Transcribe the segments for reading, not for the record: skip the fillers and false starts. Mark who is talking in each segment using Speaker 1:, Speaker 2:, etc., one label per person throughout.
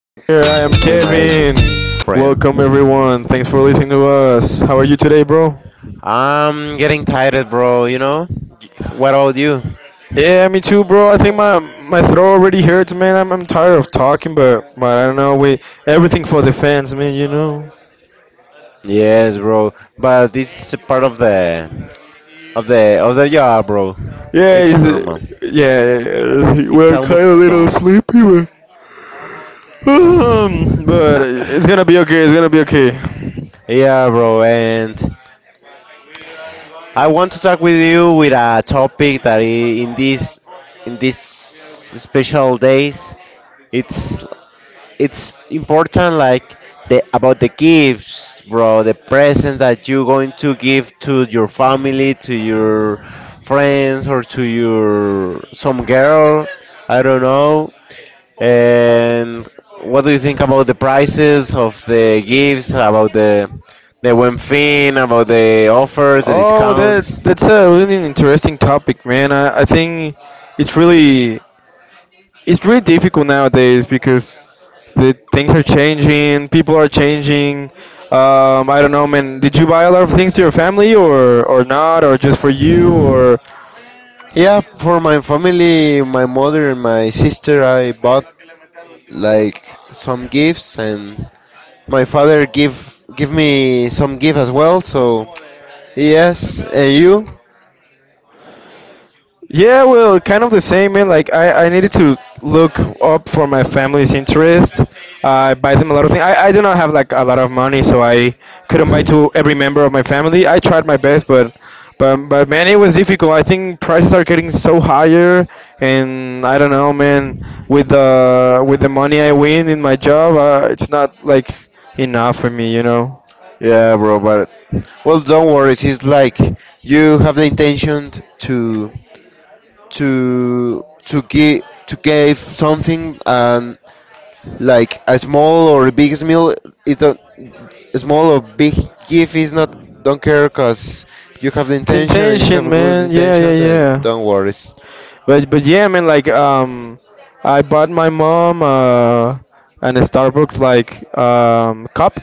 Speaker 1: Here
Speaker 2: with
Speaker 1: I am,
Speaker 2: my
Speaker 1: Kevin. Welcome
Speaker 2: friend.
Speaker 1: everyone. Thanks for listening to us. How are you today, bro?
Speaker 2: I'm getting tired, bro, you know? What about you?
Speaker 1: Yeah, me too, bro. I think my throat already hurts, man. I'm tired of talking, but I don't know. We everything for the fans, man. You know.
Speaker 2: Yes, bro, but it's a part of the of the job, bro.
Speaker 1: Yeah,
Speaker 2: It's
Speaker 1: it's
Speaker 2: normal.
Speaker 1: yeah. Yeah,
Speaker 2: It's
Speaker 1: we're kind of a
Speaker 2: almost
Speaker 1: little
Speaker 2: done.
Speaker 1: sleepy, but but it's gonna be okay. It's gonna be okay.
Speaker 2: Yeah, bro, and I want to talk with you with a topic that in this in these special days it's important like the about the gifts, bro, the present that you're going to give to your family, to your friends or to your some girl, I don't know. And what do you think about the prices of the gifts, about the Buen Fin, about the offers, the
Speaker 1: Oh, that
Speaker 2: discounts?
Speaker 1: that's a really interesting topic, man. I think it's really it's really difficult nowadays because the things are changing, people are changing. I don't know, man. Did you buy a lot of things to your family or not, or just for you, or?
Speaker 2: Yeah, for my family, my mother and my sister, I bought like some gifts, and my father give me some gift as well. So yes, and you?
Speaker 1: Yeah, well, kind of the same, man. Like I needed to look up for my family's interest. I buy them a lot of things. I do not have like a lot of money, so I couldn't buy to every member of my family. I tried my best, but man, it was difficult. I think prices are getting so higher, and I don't know, man. With the money I win in my job, it's not like enough for me, you know.
Speaker 2: Yeah, bro, but well, don't worry. It's like you have the intention to to to give to give something and like it don't, a small or big gift is not don't care because you have the
Speaker 1: The
Speaker 2: intention and you
Speaker 1: intention,
Speaker 2: have good
Speaker 1: man. Yeah, yeah,
Speaker 2: intentions and
Speaker 1: yeah.
Speaker 2: don't worry.
Speaker 1: But yeah, I mean like I bought my mom and a Starbucks like cup.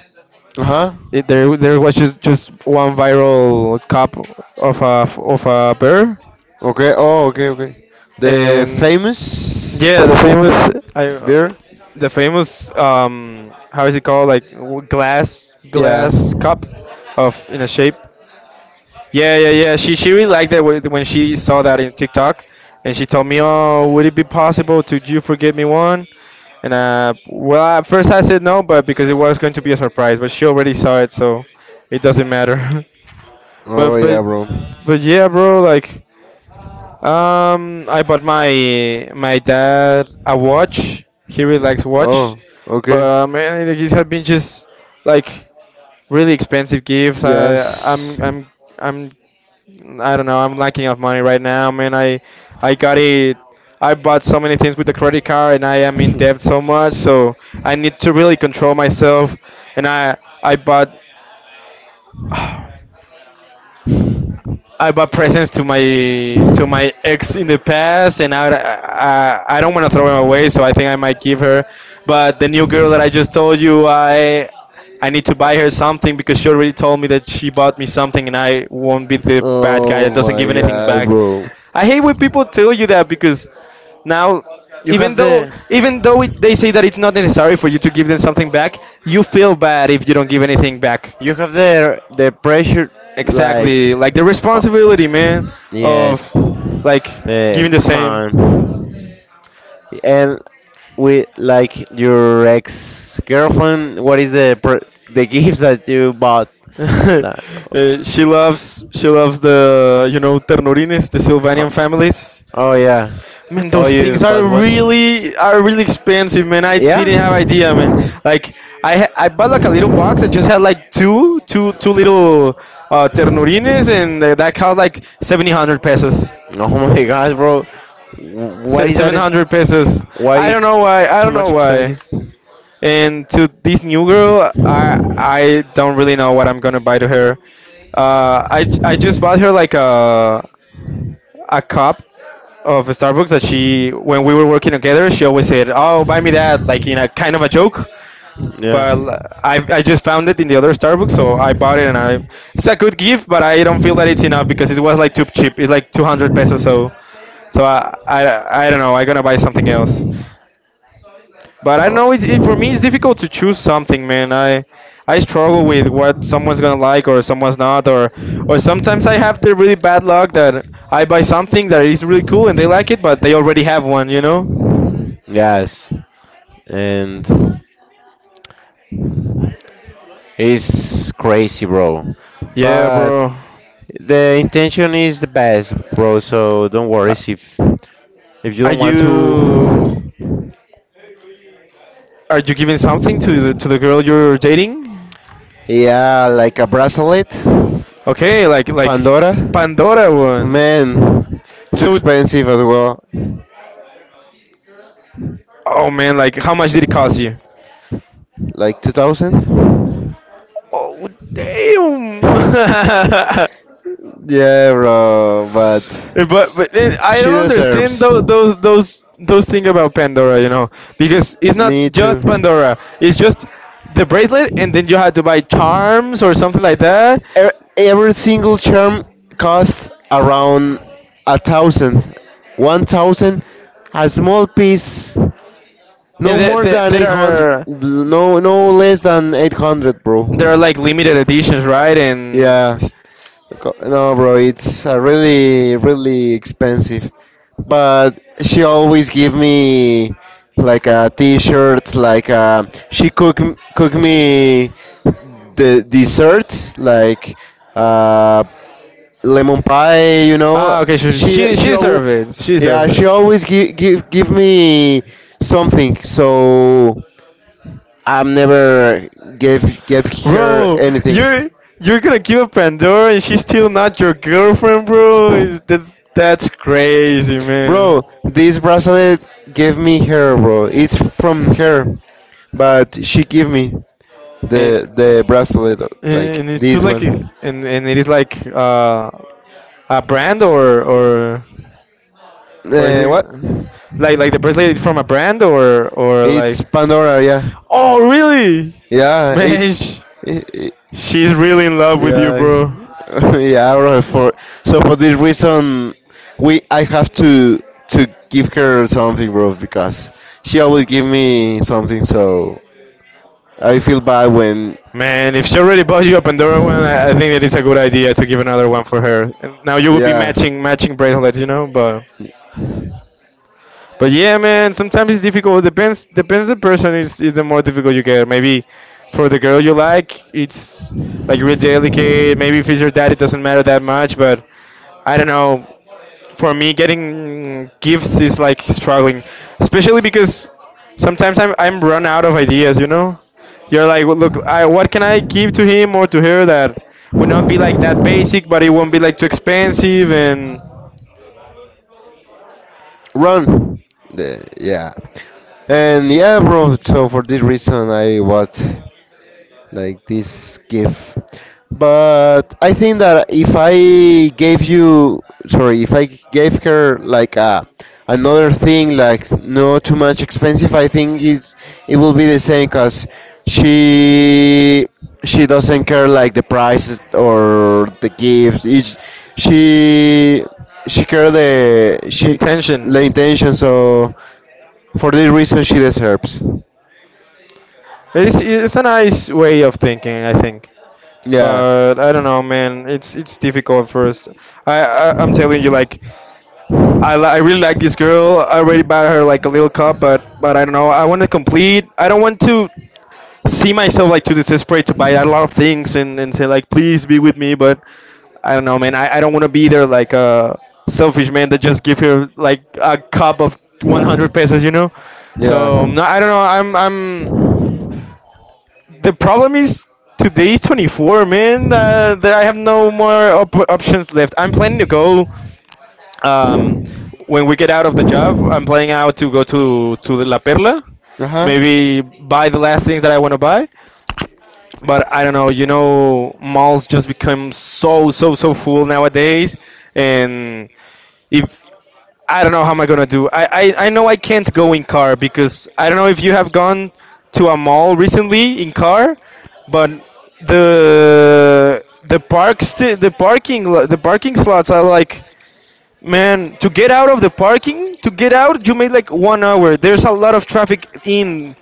Speaker 2: Uh-huh.
Speaker 1: It, there was just one viral cup of a bear,
Speaker 2: Okay, oh okay, okay, the
Speaker 1: and yeah, the
Speaker 2: famous
Speaker 1: famous I
Speaker 2: beer.
Speaker 1: the famous how is it called, like w- glass
Speaker 2: Yeah.
Speaker 1: glass cup of in a shape. Yeah, yeah, yeah, she really liked that when she saw that in TikTok, and she told me, oh, would it be possible to you forget me one. And well, at first I said no, but because it was going to be a surprise, but she already saw it, so it doesn't matter.
Speaker 2: Oh
Speaker 1: but but
Speaker 2: yeah, bro.
Speaker 1: but yeah, bro. Like, I bought my dad a watch. He really likes watch, but man, these have been just like really expensive gifts. I'm I don't know. I'm lacking of money right now, man. I got it. I bought so many things with the credit card, and I am in debt so much. So I need to really control myself. And I bought I bought presents to my ex in the past, and I don't want to throw them away, so I think I might give her. But the new girl that I just told you, I need to buy her something because she already told me that she bought me something, and I won't be the bad guy that doesn't give
Speaker 2: My
Speaker 1: anything
Speaker 2: god,
Speaker 1: back.
Speaker 2: bro.
Speaker 1: I hate when people tell you that because now even though
Speaker 2: The
Speaker 1: even though it, they say that it's not necessary for you to give them something back, you feel bad if you don't give anything back.
Speaker 2: You have the pressure, like,
Speaker 1: Exactly, like the responsibility, man, of
Speaker 2: yes.
Speaker 1: like giving
Speaker 2: Um,
Speaker 1: the
Speaker 2: come
Speaker 1: same.
Speaker 2: on. And with like your ex girlfriend, what is the gift that you bought? Like,
Speaker 1: She loves she loves, the you know, ternurines, the
Speaker 2: oh,
Speaker 1: Sylvanian families.
Speaker 2: oh yeah.
Speaker 1: Man,
Speaker 2: Oh,
Speaker 1: those
Speaker 2: you
Speaker 1: things are
Speaker 2: bought one?
Speaker 1: really expensive, man. I
Speaker 2: Yeah.
Speaker 1: didn't have idea, man. Like I bought like a little box. I just had like two little ternurines, and that cost like 700 pesos.
Speaker 2: Oh my god, bro. Wh- What is that?
Speaker 1: 700 pesos.
Speaker 2: Why
Speaker 1: I don't
Speaker 2: ex-
Speaker 1: know why. I
Speaker 2: Too
Speaker 1: don't know
Speaker 2: much
Speaker 1: why.
Speaker 2: expensive?
Speaker 1: And to this new girl, I don't really know what I'm gonna buy to her. I just bought her like a cup of Starbucks that she, when we were working together, she always said, "Oh, buy me that," like in a kind of a joke. But
Speaker 2: Yeah.
Speaker 1: I just found it in the other Starbucks, so I bought it, and I it's a good gift, but I don't feel that it's enough because it was like too cheap. It's like 200 pesos, so so I don't know. I'm gonna buy something else. But I know it's it, for me
Speaker 2: Or
Speaker 1: it's difficult to choose something, man. I struggle with what someone's gonna like or someone's not, or sometimes I have the really bad luck that I buy something that is really cool and they like it, but they already have one, you know?
Speaker 2: yes, and it's crazy, bro.
Speaker 1: Yeah,
Speaker 2: But
Speaker 1: bro.
Speaker 2: the intention is the best, bro. So don't worry
Speaker 1: A-
Speaker 2: if you
Speaker 1: Are
Speaker 2: don't want
Speaker 1: you
Speaker 2: to.
Speaker 1: giving something to the girl you're dating?
Speaker 2: Yeah, like a bracelet,
Speaker 1: Okay, like
Speaker 2: Pandora.
Speaker 1: Pandora one.
Speaker 2: Man, too
Speaker 1: So,
Speaker 2: expensive as well.
Speaker 1: oh man, like how much did it cost you?
Speaker 2: Like 2000?
Speaker 1: Oh damn!
Speaker 2: Yeah, bro, but
Speaker 1: But I
Speaker 2: she
Speaker 1: don't understand
Speaker 2: deserves.
Speaker 1: those thing about Pandora, you know, because it's not
Speaker 2: Me too.
Speaker 1: just Pandora. It's just the bracelet, and then you have to buy charms or something like that,
Speaker 2: E- Every single charm costs around a thousand. 1000, a small piece, no
Speaker 1: and there
Speaker 2: more
Speaker 1: there,
Speaker 2: than
Speaker 1: there
Speaker 2: 800,
Speaker 1: are
Speaker 2: no, no less than 800, bro.
Speaker 1: there are like limited editions, right?
Speaker 2: Yeah. No, bro, it's really, really expensive. But she always give me like a t-shirt, like she cook me the dessert, like uh, lemon pie.
Speaker 1: Ah, okay, she
Speaker 2: She
Speaker 1: she she
Speaker 2: she al-
Speaker 1: deserves it. She
Speaker 2: yeah,
Speaker 1: deserves
Speaker 2: she
Speaker 1: it,
Speaker 2: always give me something, so I'm never gave her
Speaker 1: bro.
Speaker 2: anything.
Speaker 1: You're you're gonna give up Pandora, and she's still not your girlfriend, bro. Is that's crazy, man.
Speaker 2: Bro, this bracelet gave me her, bro. It's from her, but she gave me
Speaker 1: Eh,
Speaker 2: the bracelet, like
Speaker 1: and it's too
Speaker 2: this
Speaker 1: like
Speaker 2: one.
Speaker 1: and it is like a brand or or is
Speaker 2: Uh,
Speaker 1: it
Speaker 2: what?
Speaker 1: like the bracelet is from a brand or like.
Speaker 2: It's Pandora, yeah,
Speaker 1: Oh really,
Speaker 2: yeah.
Speaker 1: man,
Speaker 2: It, it-
Speaker 1: she's really in love with you,
Speaker 2: yeah,
Speaker 1: bro.
Speaker 2: yeah, bro. For this reason, we I have to give her something, bro, because she always give me something. So I feel bad when.
Speaker 1: Man, if she already bought you a Pandora one, I think that it's a good idea to give another one for her, and now you will be
Speaker 2: Yeah.
Speaker 1: matching bracelets, you know, but yeah, man, sometimes it's difficult. Depends the person. Is the more difficult you get. Maybe for the girl you like, it's like really delicate. Maybe if it's your dad, it doesn't matter that much. But I don't know. For me, getting gifts is like struggling, especially because sometimes I'm run out of ideas. You know, you're like, well, look, I what can I give to him or to her that would not be like that basic, but it won't be like too expensive and
Speaker 2: Run. Yeah. And yeah, bro. So for this reason, I what? Like this gift. But I think that if I gave you, sorry, if I gave her like a another thing, like not too much expensive, I think is it will be the same, cause she she doesn't care like the price or the gift. It's, she she care the
Speaker 1: the
Speaker 2: she
Speaker 1: intention.
Speaker 2: the intention. So for this reason, she deserves.
Speaker 1: It's a nice way of thinking, I think.
Speaker 2: Yeah.
Speaker 1: But I don't know, man. It's difficult at first. I'm telling you, like I really like this girl. I already bought her like a little cup, but I don't know. I want to complete. I don't want to see myself like to desperate to buy a lot of things and say like please be with me. But I don't know, man. I don't want to be there like a selfish man that just give her like a cup of 100 pesos, you know. So
Speaker 2: Yeah.
Speaker 1: no, I don't know. I'm The problem is today's 24, man. That I have no more options left. I'm planning to go um, when we get out of the job. I'm planning out to go to La Perla,
Speaker 2: Uh huh.
Speaker 1: maybe buy the last things that I want to buy. But I don't know. You know, malls just become so full nowadays, and if I don't know how am I gonna do. I know I can't go in car because I don't know if you have gone to a mall recently in car, but the parks the parking lo- the parking slots are like, man, to get out of the parking to get out you made like 1 hour. There's a lot of traffic in,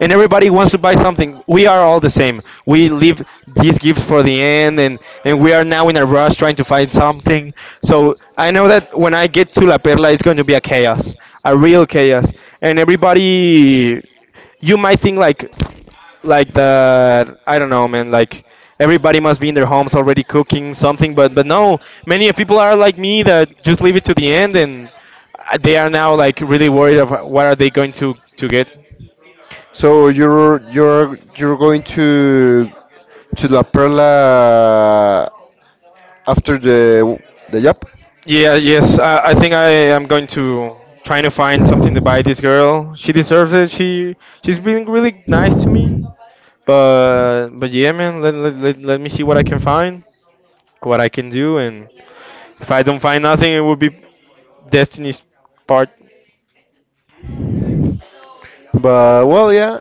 Speaker 1: and everybody wants to buy something. We are all the same. We leave these gifts for the end, and we are now in a rush trying to find something. So I know that when I get to La Perla, it's going to be a chaos, a real chaos, and everybody. You might think like the I don't know, man. Like everybody must be in their homes already cooking something, but no, many of people are like me that just leave it to the end and. They are now like really worried of what are they going to get.
Speaker 2: So you're going to La Perla after the job,
Speaker 1: Yeah, yes. I think I am going to trying to find something to buy this girl. She deserves it. She she's been really nice to me. But yeah, man. Let me see what I can find, what I can do, and if I don't find nothing, it will be destiny's part.
Speaker 2: but well, yeah.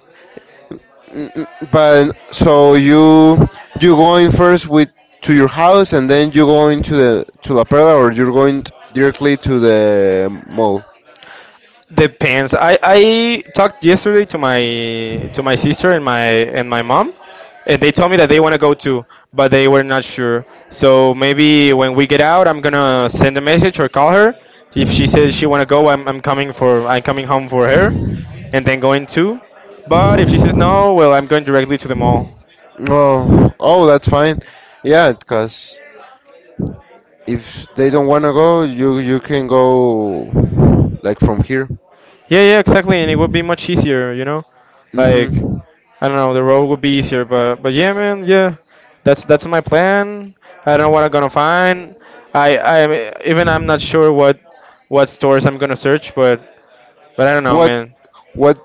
Speaker 2: But so you going first with to your house and then you going to La Perla or you're going directly to the mall?
Speaker 1: Depends. I talked yesterday to my sister and my mom, and they told me that they want to go too, but they were not sure. So maybe when we get out, I'm gonna send a message or call her. If she says she want to go, I'm coming home for her, and then going too. But if she says no, well, I'm going directly to the mall.
Speaker 2: Oh, oh, that's fine. Yeah, because if they don't want to go, you can go like from here.
Speaker 1: Yeah, yeah, exactly, and it would be much easier, you know, like
Speaker 2: Mm-hmm.
Speaker 1: I don't know. The road would be easier, but yeah, man, yeah. That's my plan. I don't know what I'm gonna find. I even I'm not sure what stores I'm gonna search, but I don't know,
Speaker 2: What
Speaker 1: man.
Speaker 2: what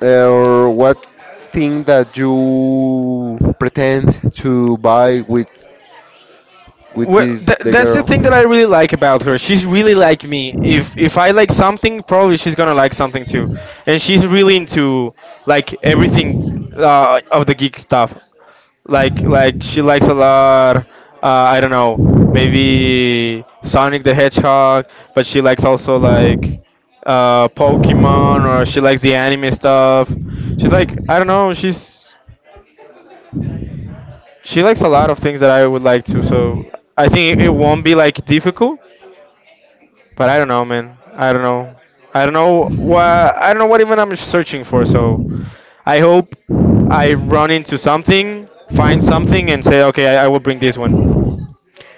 Speaker 2: or what thing that you pretend to buy with
Speaker 1: Well,
Speaker 2: this the
Speaker 1: that's the
Speaker 2: girl.
Speaker 1: thing that I really like about her. She's really like me. If I like something, probably she's gonna like something too. And she's really into, like, everything, of the geek stuff. Like she likes a lot, I don't know, maybe Sonic the Hedgehog, but she likes also, like, Pokemon, or she likes the anime stuff. She's like, I don't know, she likes a lot of things that I would like to, so I think it won't be like difficult. But I don't know, man. I don't know I don't know what I don't know what even I'm searching for, so I hope I run into something, find something, and say, okay, I will bring this one.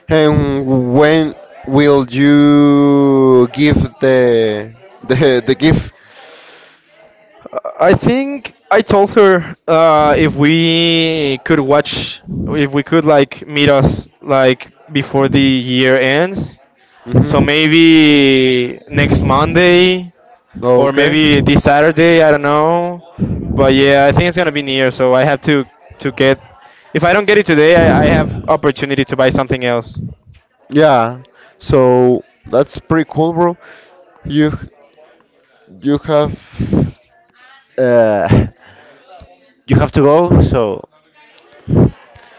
Speaker 2: And when will you give the gift?
Speaker 1: I think I told her, if we could watch, if we could, like, meet us, like, before the year ends. So
Speaker 2: hmm
Speaker 1: maybe next Monday or
Speaker 2: Okay.
Speaker 1: maybe this Saturday. I don't know, but yeah, I think it's gonna be near. So I have to get. If I don't get it today, I have opportunity to buy something else.
Speaker 2: Yeah, so that's pretty cool, bro. You you have uh you have to go, so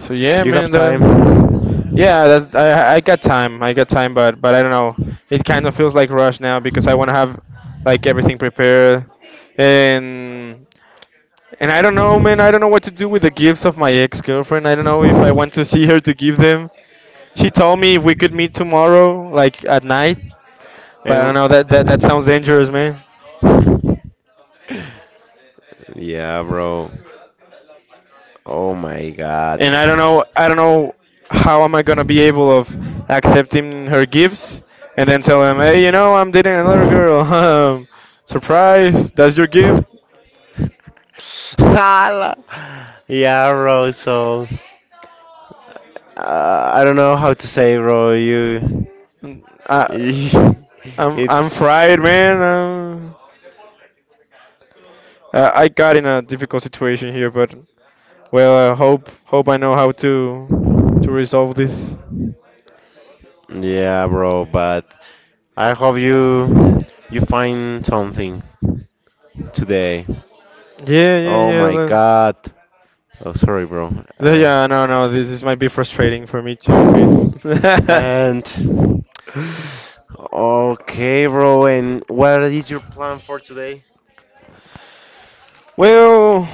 Speaker 1: So yeah,
Speaker 2: you have
Speaker 1: man.
Speaker 2: time.
Speaker 1: Yeah, I got time. I got time, but I don't know. It kind of feels like rush now because I want to have, like, everything prepared, and I don't know, man. I don't know what to do with the gifts of my ex-girlfriend. I don't know if I want to see her to give them. She told me if we could meet tomorrow, like at night, but I
Speaker 2: And
Speaker 1: don't know. That sounds dangerous, man.
Speaker 2: yeah, bro. Oh my god.
Speaker 1: And I don't know, how am I gonna be able of accepting her gifts and then tell him, hey, you know, I'm dating another girl. Surprise, that's your gift.
Speaker 2: Hala. Yeah, bro. So I don't know how to say, bro. You
Speaker 1: I, I'm
Speaker 2: It's
Speaker 1: fried, man. I got in a difficult situation here, but well, I hope I know how to resolve this.
Speaker 2: Yeah, bro, but I hope you find something today.
Speaker 1: Yeah, yeah,
Speaker 2: Oh
Speaker 1: yeah.
Speaker 2: my god. Oh, sorry, bro. Uh,
Speaker 1: Yeah, no, no. This might be frustrating for me too, man.
Speaker 2: and okay, bro, and what is your plan for today?
Speaker 1: Well,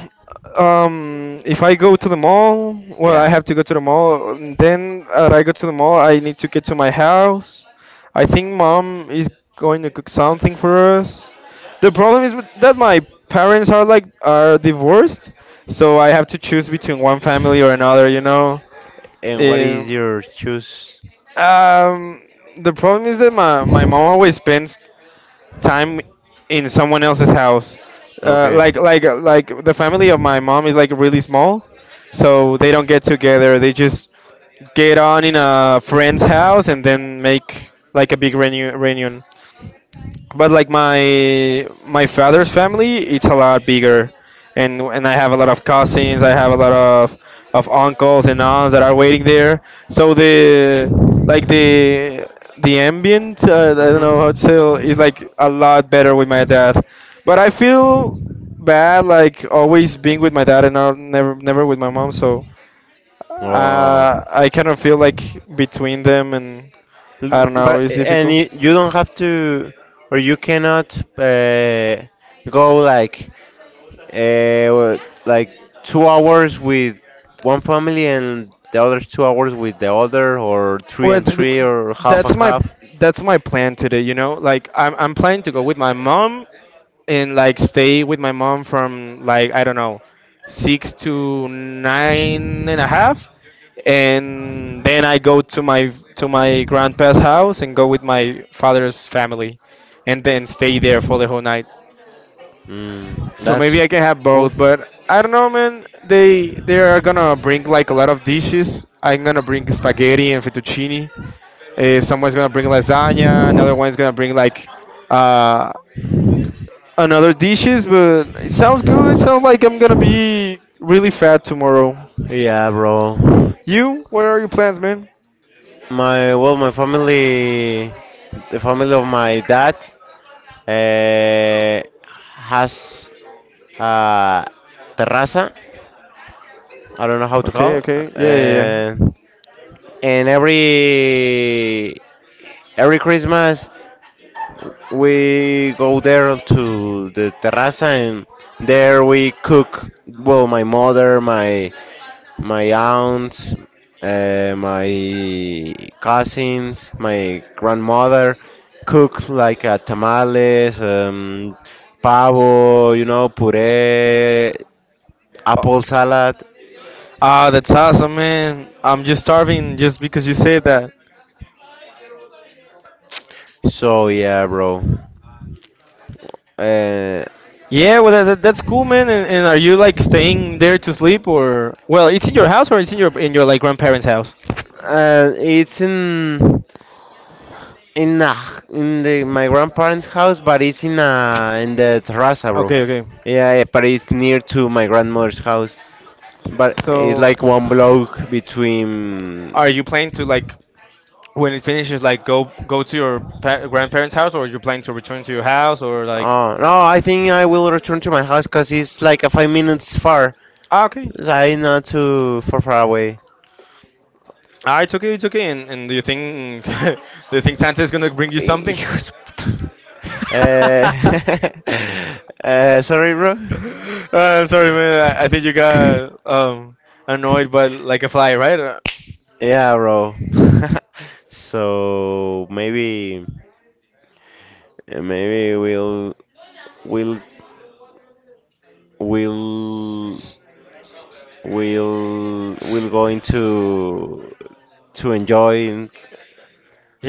Speaker 1: if I go to the mall, well, I
Speaker 2: Yeah.
Speaker 1: have to go to the mall. And Then, I go to the mall, I need to get to my house. I think mom is going to cook something for us. The problem is that my parents are, like, are divorced, so I have to choose between one family or another, you know.
Speaker 2: And what is
Speaker 1: And,
Speaker 2: your choose?
Speaker 1: um, the problem is that my mom always spends time in someone else's house.
Speaker 2: Okay.
Speaker 1: Like the family of my mom is, like, really small, so they don't get together. They just get on in a friend's house and then make, like, a big reunion. But like my father's family, it's a lot bigger, and I have a lot of cousins, I have a lot of uncles and aunts that are waiting there. So the, like, the ambient, I don't know how to say it,
Speaker 2: hmm
Speaker 1: is like a lot better with my dad, but I feel bad, like always being with my dad, and not, never with my mom, so
Speaker 2: Oh,
Speaker 1: I kind of feel like between them, and I
Speaker 2: L-
Speaker 1: don't know,
Speaker 2: but
Speaker 1: it's
Speaker 2: and
Speaker 1: difficult.
Speaker 2: you, you don't have to, or you cannot go like 2 hours with one family and the other 2 hours with the other, or three
Speaker 1: Or
Speaker 2: and three, or half
Speaker 1: that's
Speaker 2: and
Speaker 1: my
Speaker 2: half.
Speaker 1: plan today. You know, like I'm planning to go with my mom and, like, stay with my mom from, like, I don't know, six to nine and a half, and then I go to my grandpa's house and go with my father's family, and then stay there for the whole night.
Speaker 2: Mm,
Speaker 1: So
Speaker 2: that's
Speaker 1: maybe I can have
Speaker 2: cool.
Speaker 1: both, but I don't know, man. They are gonna bring, like, a lot of dishes. I'm gonna bring spaghetti and fettuccine. Someone's gonna bring lasagna. Another one's gonna bring, like, uh, another dishes. But it sounds good. It sounds like I'm gonna be really fat tomorrow.
Speaker 2: Yeah, bro.
Speaker 1: You? What are your plans, man?
Speaker 2: My well, my family, the family of my dad, uh, has uh, terraza. I don't know how to
Speaker 1: Okay,
Speaker 2: call.
Speaker 1: okay. Yeah, yeah, yeah.
Speaker 2: Uh, and every Christmas we go there to the terraza, and there we cook. Well, my mother, my aunts, my cousins, my grandmother cook like tamales, pavo, puree,
Speaker 1: Oh,
Speaker 2: apple salad.
Speaker 1: ah, that's awesome, man. I'm just starving just because you said that.
Speaker 2: So yeah, bro. Uh,
Speaker 1: Yeah, well, that's cool, man. And are you, like, staying there to sleep, or, well, it's in your house or it's in your, like, grandparents' house?
Speaker 2: it's in the my grandparents' house, but it's in the terraza, bro.
Speaker 1: Okay, okay.
Speaker 2: Yeah, yeah, but it's near to my grandmother's house. But it's
Speaker 1: So,
Speaker 2: like one block between.
Speaker 1: are you planning to, like, when it finishes, like, go to your grandparents' house, or you're planning to return to your house, or like,
Speaker 2: Oh no! I think I will return to my house because it's like a 5 minutes far.
Speaker 1: ah, okay,
Speaker 2: I not too far away.
Speaker 1: ah, it's okay, it's okay. And do you think do you think Santa is gonna bring you something?
Speaker 2: Eh, sorry, bro.
Speaker 1: I'm sorry, man. I think you got, annoyed, but like a fly, right?
Speaker 2: Yeah, bro. So maybe we'll we'll we'll going to enjoy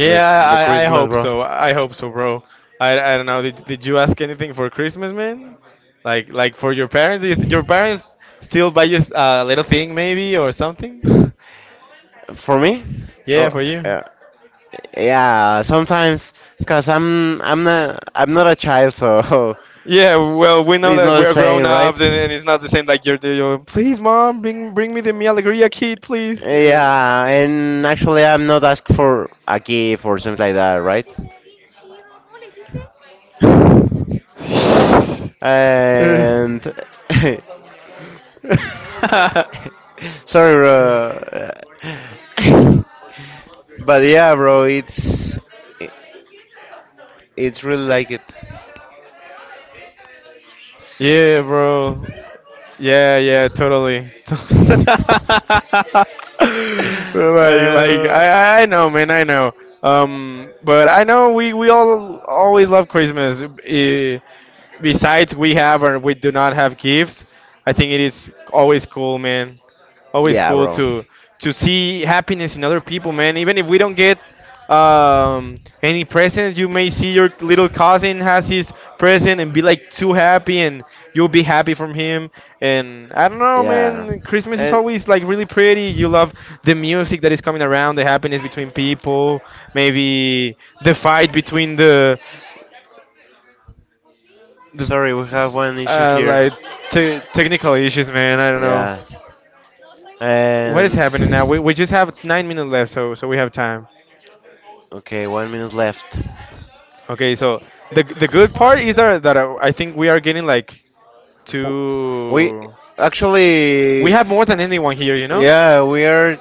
Speaker 2: the the
Speaker 1: I
Speaker 2: Christmas,
Speaker 1: hope
Speaker 2: bro.
Speaker 1: so. I hope so, bro. I don't know. Did you ask anything for Christmas, man? Like, for your parents? Do you your parents still buy you, a little thing, maybe, or something?
Speaker 2: For me?
Speaker 1: Yeah,
Speaker 2: Oh,
Speaker 1: for you.
Speaker 2: yeah. Yeah, sometimes, cause I'm not a child, so
Speaker 1: Yeah, well, we know
Speaker 2: it's
Speaker 1: that
Speaker 2: not the
Speaker 1: we're grown
Speaker 2: same, right?
Speaker 1: ups, and, it's not the same, like you're, like, please, mom, bring me the Mi Alegría kit, please.
Speaker 2: Yeah, and actually, I'm not asked for a gift or something like that, right? And sorry, bro. But yeah, bro, it's really like it.
Speaker 1: Yeah, bro. Yeah, yeah, totally. like, I
Speaker 2: I
Speaker 1: know, man, I know. But I know we all always love Christmas. Eh, besides, we have or we do not have gifts. I think it is always cool, man, always cool to see happiness in other people, man. Even if we don't get, any presents, you may see your little cousin has his present and be, like, too happy, and you'll be happy from him. And I don't know, man. Christmas is always, like, really pretty. You love the music that is coming around, the happiness between people, maybe the fight between the
Speaker 2: Sorry, we have
Speaker 1: s-
Speaker 2: one issue.
Speaker 1: like, technical issues, man. I don't know.
Speaker 2: Yes.
Speaker 1: What is
Speaker 2: And
Speaker 1: happening now? We just have 9 minutes left, so we have time.
Speaker 2: okay, 1 minute left.
Speaker 1: Okay, so the good part is that I think we are getting like
Speaker 2: W- We
Speaker 1: two. We
Speaker 2: actually,
Speaker 1: have more than anyone here, you know.
Speaker 2: yeah,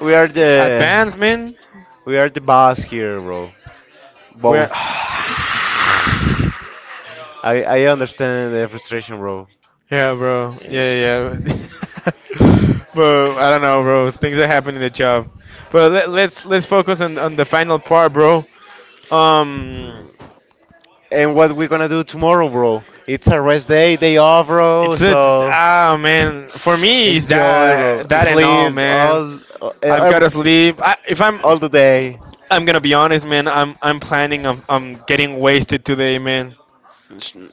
Speaker 2: we are the
Speaker 1: Advancement.
Speaker 2: we are the boss here, bro.
Speaker 1: We're.
Speaker 2: Both. I understand the frustration, bro.
Speaker 1: Yeah, bro.
Speaker 2: It's
Speaker 1: Yeah, yeah. But I don't know, bro. Things are happening in the job. But let's focus on the final part, bro. Um,
Speaker 2: mm. and what we gonna do tomorrow, bro. It's a rest day, day off, bro.
Speaker 1: it's a
Speaker 2: So
Speaker 1: ah, man. For me, it's
Speaker 2: enjoy, bro.
Speaker 1: that and all,
Speaker 2: Sleep
Speaker 1: man.
Speaker 2: all
Speaker 1: I've got
Speaker 2: uh,
Speaker 1: to sleep. If I'm,
Speaker 2: all the day.
Speaker 1: I'm gonna be honest, man. I'm planning on, getting wasted today, man.
Speaker 2: It's n-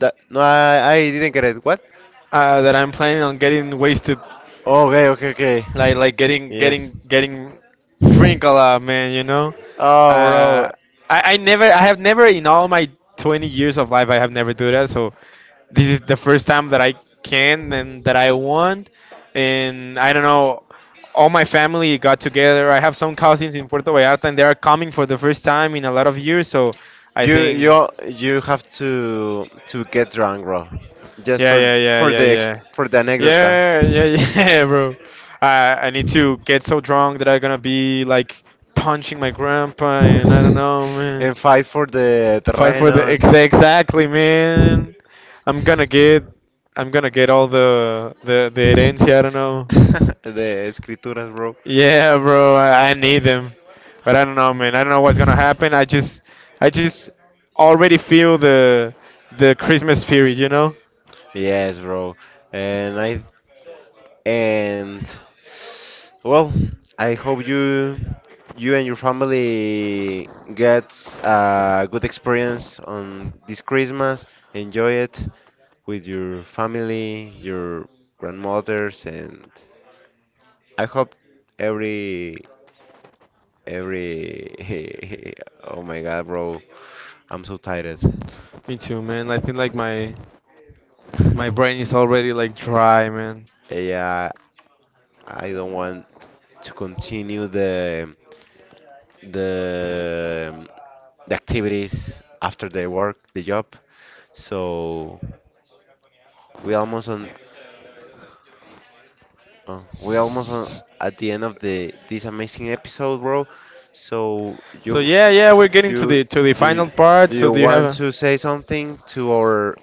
Speaker 2: That, no, I didn't get it. What?
Speaker 1: That I'm planning on getting wasted,
Speaker 2: Oh, okay, okay,
Speaker 1: like,
Speaker 2: okay. Yes.
Speaker 1: getting, drink a lot, man. You know.
Speaker 2: Oh, bro,
Speaker 1: Uh, I never, I have never in all my 20 years of life, I have never do that. So this is the first time that I can and that I want, and I don't know. All my family got together. I have some cousins in Puerto Vallarta, and they are coming for the first time in a lot of years. So I
Speaker 2: you
Speaker 1: think
Speaker 2: you you have to get drunk, bro, just
Speaker 1: yeah,
Speaker 2: for
Speaker 1: yeah, yeah,
Speaker 2: for
Speaker 1: yeah,
Speaker 2: the ex
Speaker 1: yeah.
Speaker 2: for the anecdota.
Speaker 1: Yeah, yeah, yeah, bro. I need to get so drunk that I'm gonna be, like, punching my grandpa, and I don't know, man.
Speaker 2: And fight for the
Speaker 1: Fight for the ex
Speaker 2: terrenos.
Speaker 1: exactly, man. I'm gonna get I'm gonna get all the herencia, I don't know.
Speaker 2: The escrituras, bro.
Speaker 1: Yeah, bro, I need them. But I don't know, man. I don't know what's gonna happen. I just already feel the Christmas spirit, you know?
Speaker 2: Yes, bro. And I and well, I hope you and your family get a good experience on this Christmas. Enjoy it with your family, your grandmothers, and I hope every every oh my god, bro, I'm so tired.
Speaker 1: Me too, man. I think, like, my brain is already, like, dry, man.
Speaker 2: Yeah, I don't want to continue the the activities after the work, the job. So we almost on we almost on at the end of the this amazing episode, bro. So
Speaker 1: So yeah, yeah, we're getting to
Speaker 2: you
Speaker 1: the
Speaker 2: do
Speaker 1: final
Speaker 2: you-
Speaker 1: part.
Speaker 2: do
Speaker 1: So
Speaker 2: you
Speaker 1: do you have
Speaker 2: want
Speaker 1: a
Speaker 2: to say something to our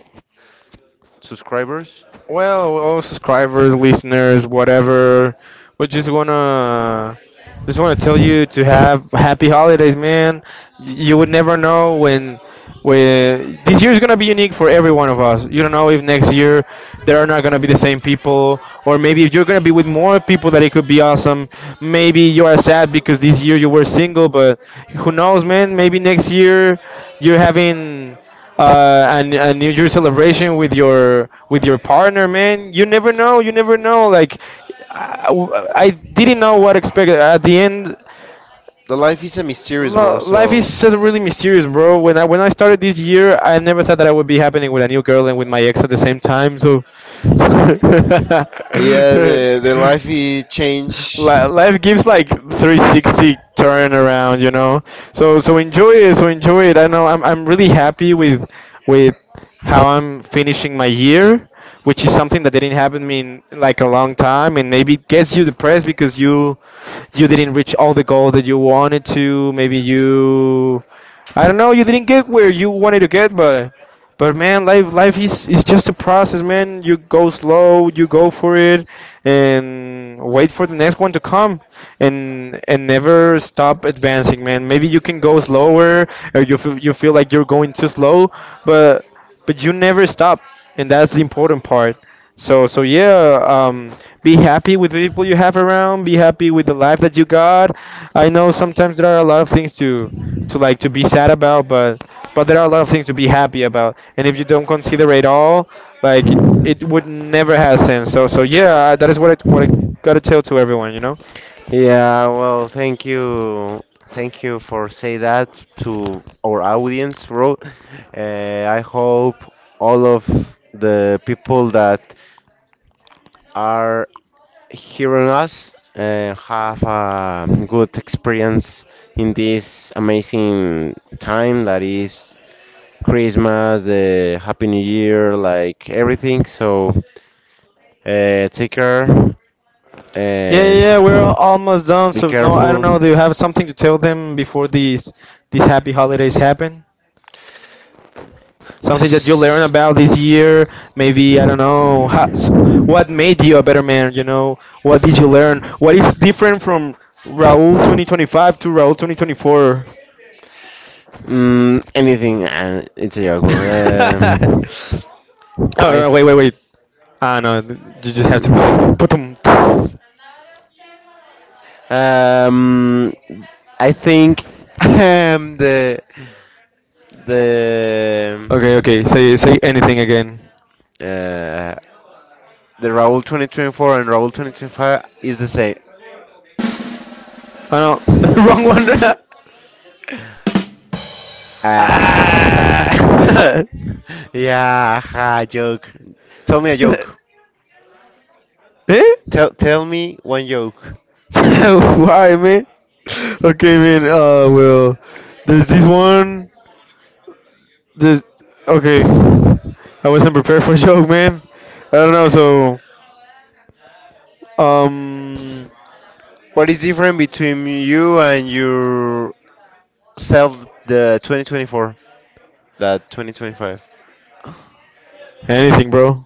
Speaker 2: subscribers?
Speaker 1: well, all subscribers, listeners, whatever, we just wanna tell you to have happy holidays, man. You would never know when this year is gonna be unique for every one of us. You don't know if next year there are not gonna be the same people, or maybe if you're gonna be with more people that it could be awesome. Maybe you are sad because this year you were single, but who knows, man? Maybe next year you're having, a New Year celebration with your partner, man. You never know. You never know. Like, I, I didn't know what expect at the end.
Speaker 2: The life is a mysterious, bro.
Speaker 1: Life
Speaker 2: So
Speaker 1: is just really mysterious, bro. When I started this year, I never thought that I would be happening with a new girl and with my ex at the same time. So.
Speaker 2: yeah, the life is change.
Speaker 1: Life gives like 360 turn around, you know, so enjoy it, I'm really happy with with how I'm finishing my year, which is something that didn't happen me in like a long time. And maybe it gets you depressed because you didn't reach all the goals that you wanted to. Maybe you, I don't know, you didn't get where you wanted to get, but but man, life is just a process, man. You go slow, you go for it, and wait for the next one to come, and never stop advancing, man. Maybe you can go slower, or you feel like you're going too slow, but you never stop, and that's the important part. So yeah, be happy with the people you have around. Be happy with the life that you got. I know sometimes there are a lot of things to like to be sad about, but there are a lot of things to be happy about. And if you don't consider it all, like it would never have sense. So yeah, that is what I gotta tell to everyone, you know.
Speaker 2: Yeah, well, thank you. Thank you for say that to our audience, bro. I hope all of the people that are hearing us have a good experience in this amazing time that is Christmas, the Happy New Year, like everything. So take care
Speaker 1: Yeah, yeah,
Speaker 2: and
Speaker 1: yeah, we're almost done.
Speaker 2: be
Speaker 1: So no, I don't know.
Speaker 2: careful.
Speaker 1: Do you have something to tell them before these happy holidays happen? Something that you learn
Speaker 2: Yes.
Speaker 1: about this year? Maybe I don't know. What made you a better man? You know, what did you learn? What is different from Raul 2025 to Raul 2024?
Speaker 2: Anything, it's a joke, bro.
Speaker 1: Oh
Speaker 2: I,
Speaker 1: no! Wait, wait, wait. Ah no, th- You just have to put it.
Speaker 2: mm,
Speaker 1: Putum.
Speaker 2: um, I think um, the the
Speaker 1: Okay, okay. Say say anything again.
Speaker 2: uh, the Raul 2024 and Raul 2025 is the same.
Speaker 1: Oh no, wrong one.
Speaker 2: Ah,
Speaker 1: Ah!
Speaker 2: yeah, ha, joke. Tell me a joke.
Speaker 1: Eh?
Speaker 2: Tell me one joke.
Speaker 1: Why, man? Okay, man. Well, there's this one. There's okay. I wasn't prepared for joke, man. I don't know. So, um,
Speaker 2: What is different between you and yourself the 2024 that 2025?
Speaker 1: anything, bro.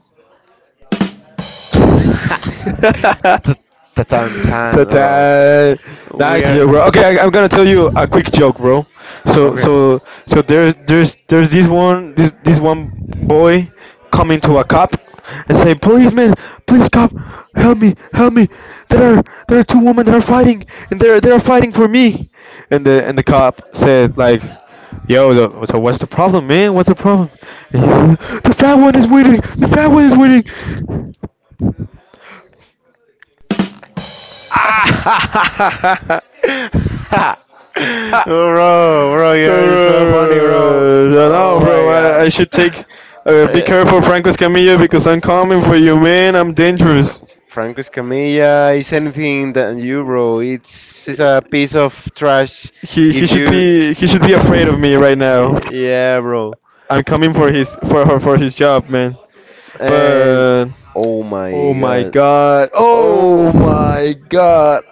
Speaker 2: Ta- ta-tan, tan, bro.
Speaker 1: Ta-ta. Nah, it's a
Speaker 2: We're
Speaker 1: joke, bro. Okay, I'm gonna tell you a quick joke, bro. So,
Speaker 2: okay.
Speaker 1: so, so there's this one boy coming to a cop and say, "Policeman, please, cop, help me, help me. There are two women that are fighting, and they're fighting for me." And the cop said, like, yo, the, so what's the problem, man? What's the problem? And he says, the fat one is winning. The fat one is winning. Ah!
Speaker 2: Bro, bro,
Speaker 1: So,
Speaker 2: you're so funny, bro.
Speaker 1: uh, so now,
Speaker 2: Oh
Speaker 1: bro,
Speaker 2: my
Speaker 1: I should
Speaker 2: god.
Speaker 1: take. Be careful, Franco Escamilla, because I'm coming for you, man. I'm
Speaker 2: Fra-
Speaker 1: dangerous.
Speaker 2: Franco Escamilla is anything than you, bro. It's a piece of trash.
Speaker 1: He
Speaker 2: If
Speaker 1: he should
Speaker 2: you,
Speaker 1: be he should be afraid of me right now.
Speaker 2: yeah, bro.
Speaker 1: I'm coming for his for his job, man.
Speaker 2: And
Speaker 1: But
Speaker 2: oh
Speaker 1: oh
Speaker 2: my
Speaker 1: my
Speaker 2: god.
Speaker 1: god, oh
Speaker 2: Oh.
Speaker 1: my god.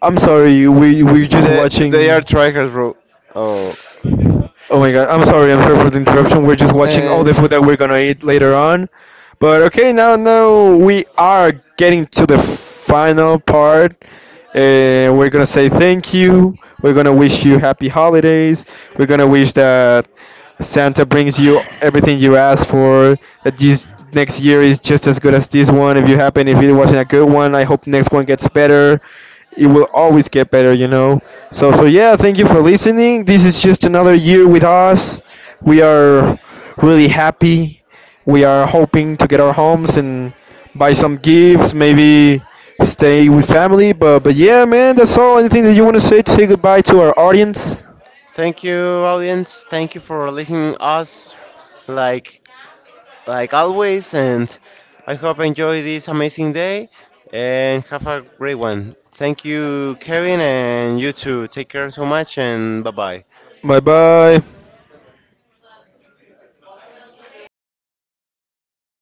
Speaker 1: I'm sorry. We were just
Speaker 2: They are
Speaker 1: watching.
Speaker 2: trackers, bro. Oh.
Speaker 1: Oh my god, I'm sorry for the interruption. We're just watching all
Speaker 2: Uh,
Speaker 1: the food that we're gonna eat later on. But okay, now we are getting to the final part. And we're gonna say thank you. We're gonna wish you happy holidays. We're gonna wish that Santa brings you everything you ask for. That this next year is just as good as this one. If you happen, if it wasn't a good one, I hope next one gets better. It will always get better, you know. So yeah, thank you for listening. This is just another year with us. We are really happy. We are hoping to get our homes and buy some gifts, maybe stay with family. But yeah, man, that's all. Anything that you want to say goodbye to our audience?
Speaker 2: thank you, audience. Thank you for listening us, like like always. And I hope you enjoy this amazing day and have a great one. Thank you, Kevin, and you too. Take care so much and bye bye.
Speaker 1: Bye bye.